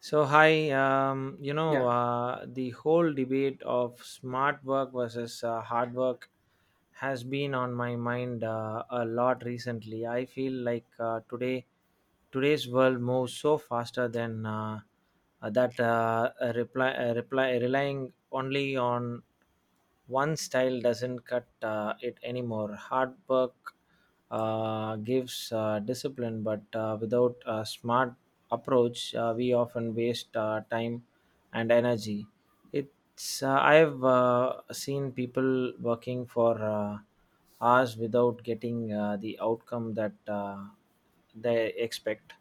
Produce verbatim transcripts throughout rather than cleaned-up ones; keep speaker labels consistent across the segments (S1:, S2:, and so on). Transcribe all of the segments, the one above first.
S1: So hi, um, you know
S2: Yeah,
S1: uh, the whole debate of smart work versus uh, hard work has been on my mind uh, a lot recently. I feel like uh, today today's world moves so faster than uh, uh, that uh, a reply, a reply relying only on one style doesn't cut uh, it anymore. Hard work uh, gives uh, discipline, but uh, without a smart approach, uh, we often waste uh, time and energy. It's uh, I've uh, seen people working for uh, hours without getting uh, the outcome that uh, they expect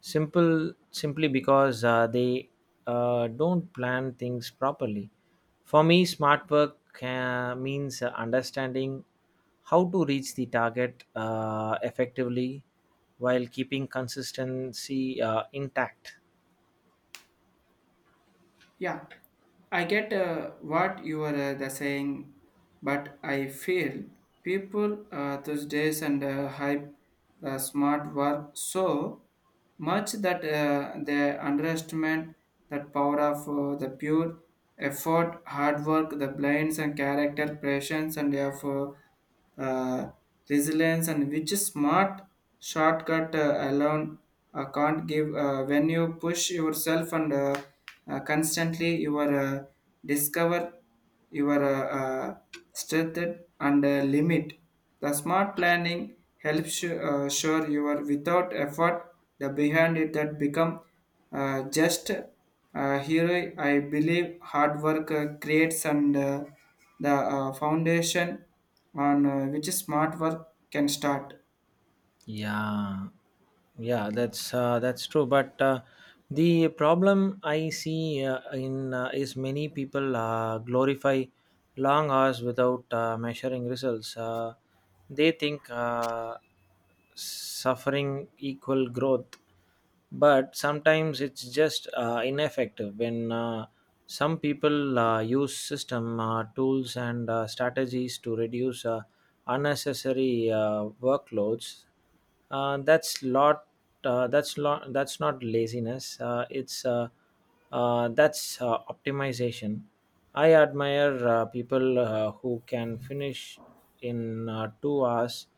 S1: simple simply because uh, they uh, don't plan things properly. For me, smart work uh, means uh, understanding how to reach the target uh, effectively while keeping consistency uh, intact.
S2: yeah. I get uh, what you are uh, the saying, but I feel people uh, those days and uh, hype the smart work so much that uh, they underestimate that power of uh, the pure effort, hard work, the blinds and character, patience and effort. uh, Resilience and which smart shortcut uh, alone uh, can't give uh, when you push yourself and uh, uh, constantly you are uh, discover your uh, uh, strength and uh, limit. The smart planning helps you, uh, sure you are without effort the behind it that become uh, just uh, here. I believe hard work uh, creates and uh, the uh, foundation on uh, which smart work can start.
S1: Yeah, yeah, that's uh, that's true. But uh, the problem I see uh, in uh, is many people uh, glorify long hours without uh, measuring results. Uh, they think uh, suffering equal growth, but sometimes it's just uh, ineffective when. Uh, some people uh, use system uh, tools and uh, strategies to reduce uh, unnecessary uh, workloads. Uh, that's lot. Uh, that's lot. That's not laziness. Uh, it's uh, uh, that's uh, optimization. I admire uh, people uh, who can finish in uh, two hours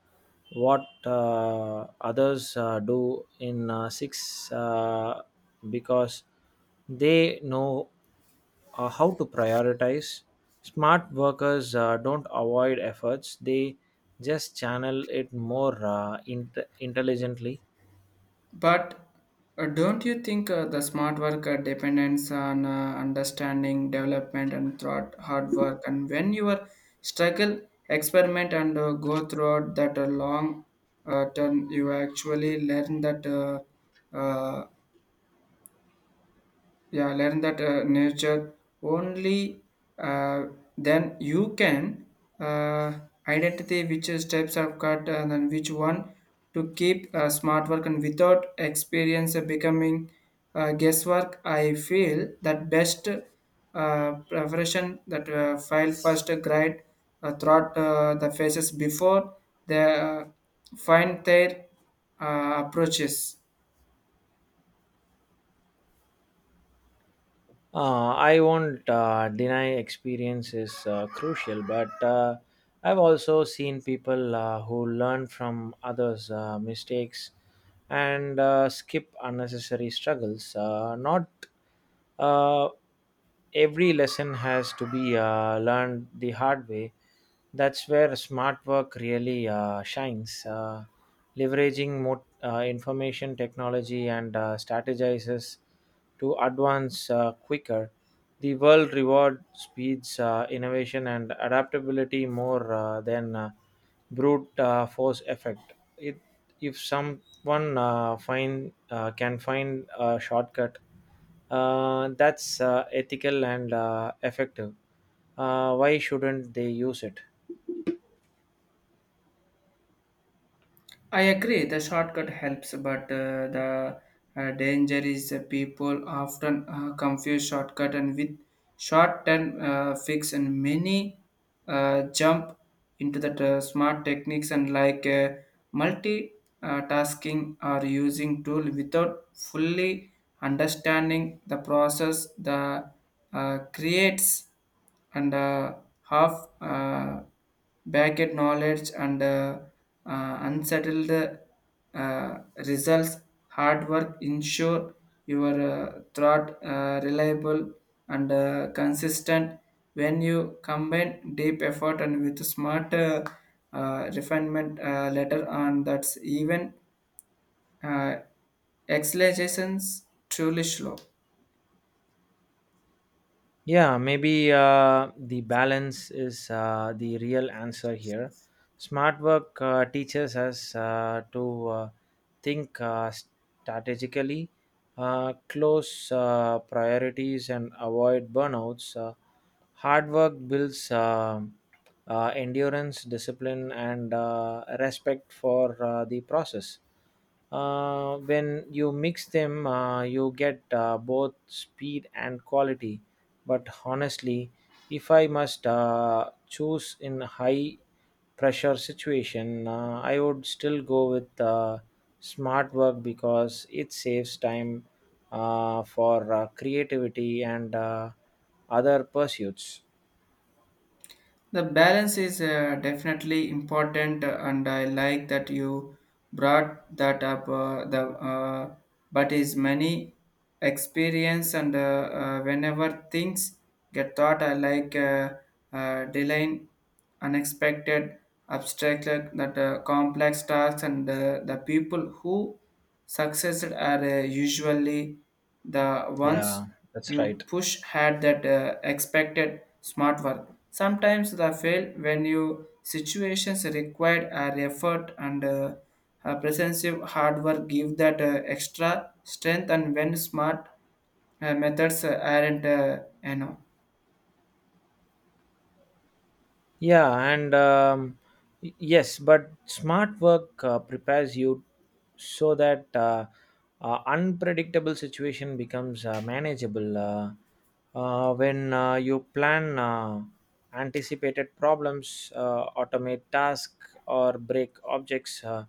S1: what uh, others uh, do in uh, six uh, because they know uh, how to prioritize. Smart workers uh, don't avoid efforts; they just channel it more uh, int- intelligently.
S2: But uh, don't you think uh, the smart work uh, depends on uh, understanding, development, and thought, hard work? And when you are struggle, experiment, and uh, go throughout that uh, long uh, term, you actually learn that uh, uh, yeah learn that uh, nature only, uh, then you can uh, identify which steps are cut and then which one to keep uh, smart work. And without experience uh, becoming uh, guesswork, I feel that best uh, preparation that uh, file first grade uh, throughout uh, the phases before they uh, find their uh, approaches.
S1: Uh, I won't uh, deny experience is uh, crucial, but uh, I've also seen people uh, who learn from others' uh, mistakes and uh, skip unnecessary struggles. Uh, not uh, every lesson has to be uh, learned the hard way. That's where smart work really uh, shines. Uh, leveraging more uh, information technology and uh, strategizes to advance uh, quicker. The world reward speeds, uh, innovation, and adaptability more uh, than uh, brute uh, force effect. It, if some one uh, find uh, can find a shortcut uh, that's uh, ethical and uh, effective. Uh, why shouldn't they use it?
S2: I agree the shortcut helps, but uh, the uh, danger is uh, people often uh, confuse shortcut and with short-term uh, fix, and many uh, jump into the uh, smart techniques and like uh, multitasking or using tool without fully understanding the process. The uh, creates and uh, half uh, backed knowledge and uh, uh, unsettled uh, results. Hard work ensure your uh, thought uh, reliable and uh, consistent when you combine deep effort and with smart uh, uh, refinement uh, later on, that's even uh, exhalations truly slow.
S1: Yeah, maybe uh, the balance is uh, the real answer here. Smart work uh, teaches us uh, to uh, think uh, strategically, uh, close uh, priorities, and avoid burnouts. Uh, hard work builds um uh, endurance, discipline, and uh, respect for uh, the process. Uh, when you mix them, uh, you get uh, both speed and quality. But honestly, if I must uh, choose in high pressure situation, uh, I would still go with uh, smart work because it saves time uh, for uh, creativity and uh, other pursuits.
S2: The balance is uh, definitely important, uh, and I like that you brought that up. Uh, the uh, but is many experience, and uh, uh, whenever things get thought, I like uh, uh, delaying unexpected, abstract, like that uh, complex tasks, and uh, the people who succeed are uh, usually the ones
S1: Yeah, that's right.
S2: you push had that uh, expected smart work. Sometimes the fail when you situations required an effort and uh, a presensive hard work give that uh, extra strength and when smart uh, methods uh, aren't uh, enough.
S1: Yeah, and um, y- yes, but smart work uh, prepares you so that uh, uh, unpredictable situation becomes uh, manageable. Uh, uh, when uh, you plan uh, anticipated problems, uh, automate tasks, or break objects uh,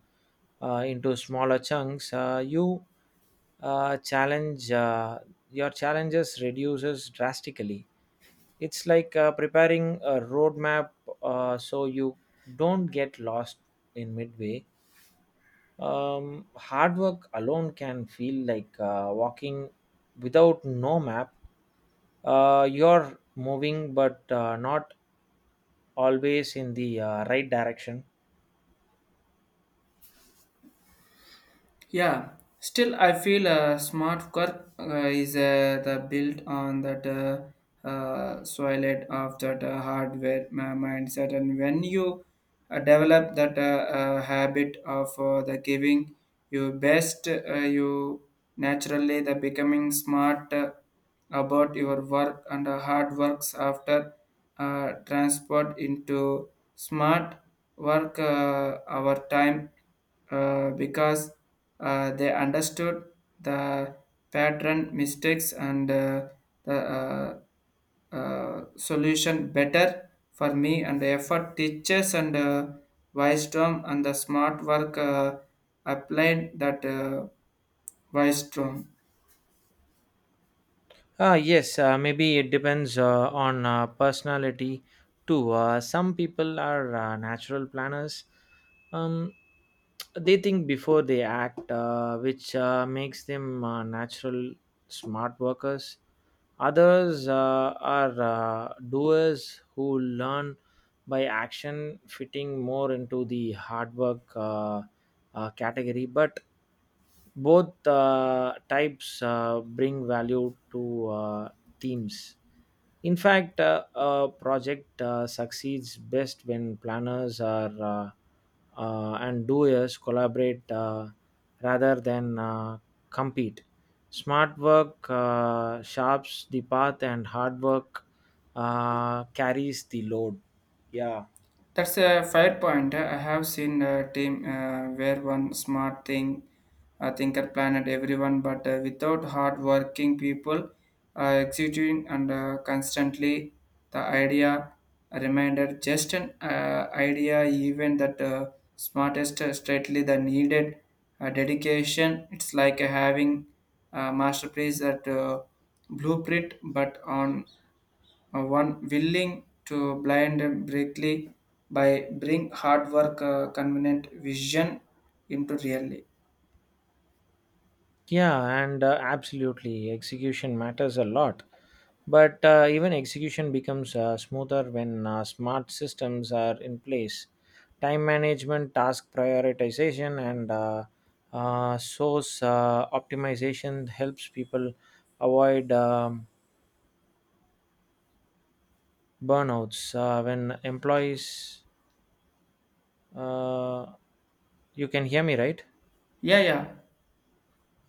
S1: uh, into smaller chunks, uh, you uh, challenge uh, your challenges reduces drastically. It's like uh, preparing a roadmap uh, so you don't get lost in midway. Um, hard work alone can feel like uh, walking without no map. Uh, you're moving but uh, not always in the uh, right direction.
S2: Yeah, still I feel a smart work uh, is uh, the built on that uh, uh, soil of that uh, hardware ma- mindset, and when you uh, develop that uh, uh, habit of uh, the giving your best, uh, you naturally the becoming smart uh, about your work and uh, hard works after uh, transport into smart work uh, our time uh, because uh, they understood the pattern, mistakes, and uh, the uh, uh, solution better for me. And the effort teaches and uh, wisdom and the smart work uh, applied that uh, wisdom.
S1: Uh, yes, uh, maybe it depends uh, on uh, personality too. Uh, some people are uh, natural planners. Um, they think before they act, uh, which uh, makes them uh, natural smart workers. Others uh, are uh, doers who learn by action, fitting more into the hard work Uh, uh, category, but both uh, types uh, bring value to uh, teams. In fact, uh, a project uh, succeeds best when planners are uh, uh, and doers collaborate, uh, rather than uh, compete. Smart work uh, sharps the path, and hard work uh, carries the load. Yeah.
S2: That's a fair point. I have seen a team uh, where one smart thing, uh, thinker planet everyone, but uh, without hard working people uh, executing and uh, constantly the idea reminder just an uh, idea. Even that uh, smartest uh, straightly the needed uh, dedication. It's like having a masterpiece that uh, blueprint, but on uh, one willing to blind them brightly by bring hard work, uh, convenient vision into reality.
S1: Yeah, and uh, absolutely, execution matters a lot. But uh, even execution becomes uh, smoother when uh, smart systems are in place. Time management, task prioritization, and uh, uh, source uh, optimization helps people avoid um, burnouts. Uh, when employees, uh, you can hear me, right?
S2: Yeah, yeah.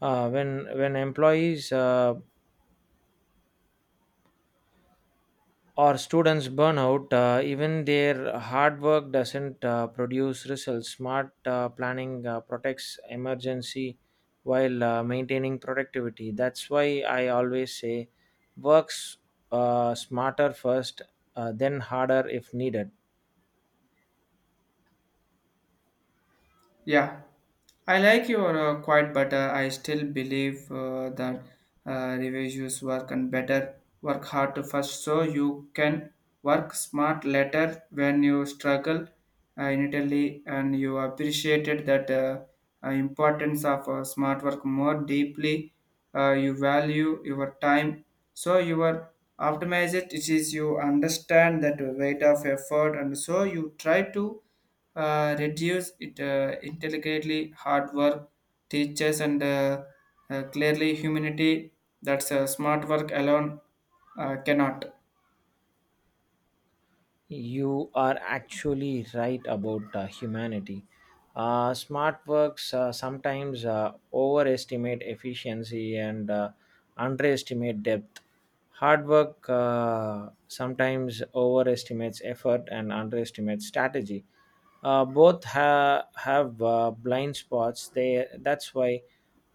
S1: Uh, when when employees uh, or students burn out, uh, even their hard work doesn't uh, produce results. Smart uh, planning uh, protects emergency while uh, maintaining productivity. That's why I always say works uh, smarter first, uh, then harder if needed.
S2: Yeah, I like your uh, quite, but uh, I still believe uh, that uh, reviewers work and better work hard to first, so you can work smart later. When you struggle uh, in Italy and you appreciated that uh, uh, importance of uh, smart work more deeply. Uh, you value your time, so you are optimize it. It is you understand that weight of effort, and so you try to uh, reduce it uh, intelligently. Hard work teachers and uh, uh, clearly humanity, that's uh, smart work alone uh, cannot
S1: You are actually right about uh, humanity. Uh, smart works uh, sometimes uh, overestimate efficiency and uh, underestimate depth. Hard work uh, sometimes overestimates effort and underestimates strategy. Uh, both ha- have uh, blind spots. They that's why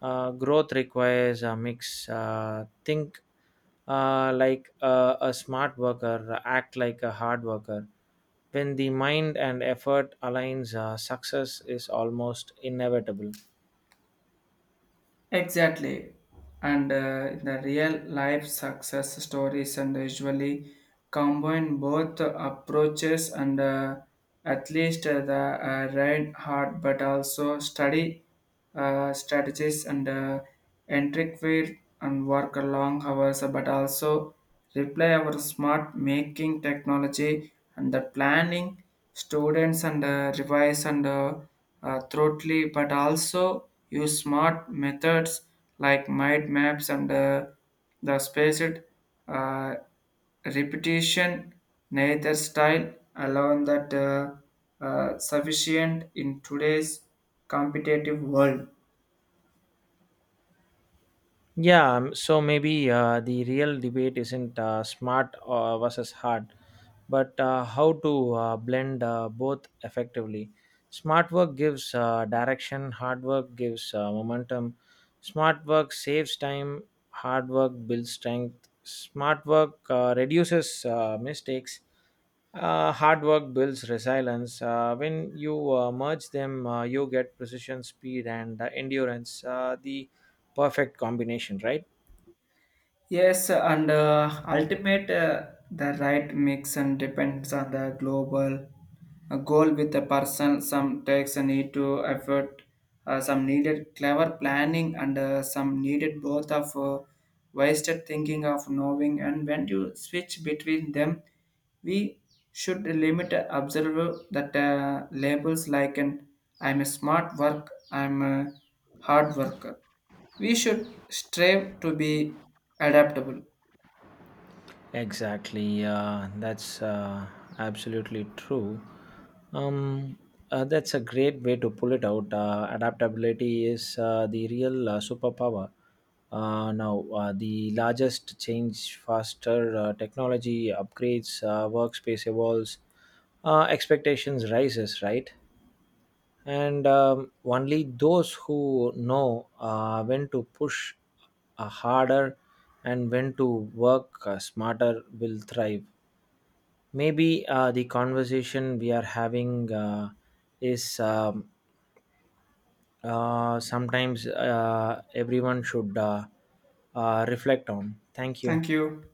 S1: uh, growth requires a mix. Uh, think uh, like uh, a smart worker, act like a hard worker. When the mind and effort aligns, uh, success is almost inevitable.
S2: exactly and uh, the real life success stories and usually combine both approaches and uh, at least uh, the uh, right heart but also study uh, strategies and uh, intricate and work long hours but also reply our smart making technology and the planning students and uh, revise and uh, uh, thoroughly but also use smart methods like mind maps and uh, the spaced uh, repetition. Neither style alone that uh, uh, sufficient in today's competitive world.
S1: Yeah, um, so maybe uh, the real debate isn't uh, smart uh, versus hard, but uh, how to uh, blend uh, both effectively. Smart work gives uh, direction, hard work gives uh, momentum. Smart work saves time, hard work builds strength. Smart work uh, reduces uh, mistakes, uh, hard work builds resilience. Uh, when you uh, merge them, uh, you get precision, speed, and uh, endurance. Uh, the perfect combination, right?
S2: Yes, and uh, ultimate uh, the right mix and depends on the global uh, goal with the person. Some takes a need to effort, uh, some needed clever planning, and uh, some needed both of uh, wasted thinking of knowing. And when you switch between them, we should limit uh, observe that uh, labels like an I'm a smart work, I'm a hard worker, we should strive to be adaptable.
S1: Exactly. Uh, that's uh, absolutely true. Um, uh, that's a great way to pull it out. Uh, adaptability is uh, the real uh, superpower. Uh, now, uh, the largest change faster uh, technology upgrades, uh, workspace evolves, uh, expectations rises, right? And um, only those who know uh, when to push uh, harder and when to work uh, smarter will thrive. Maybe uh, the conversation we are having uh, is um, uh, sometimes uh, everyone should uh, uh, reflect on. Thank you.
S2: Thank you.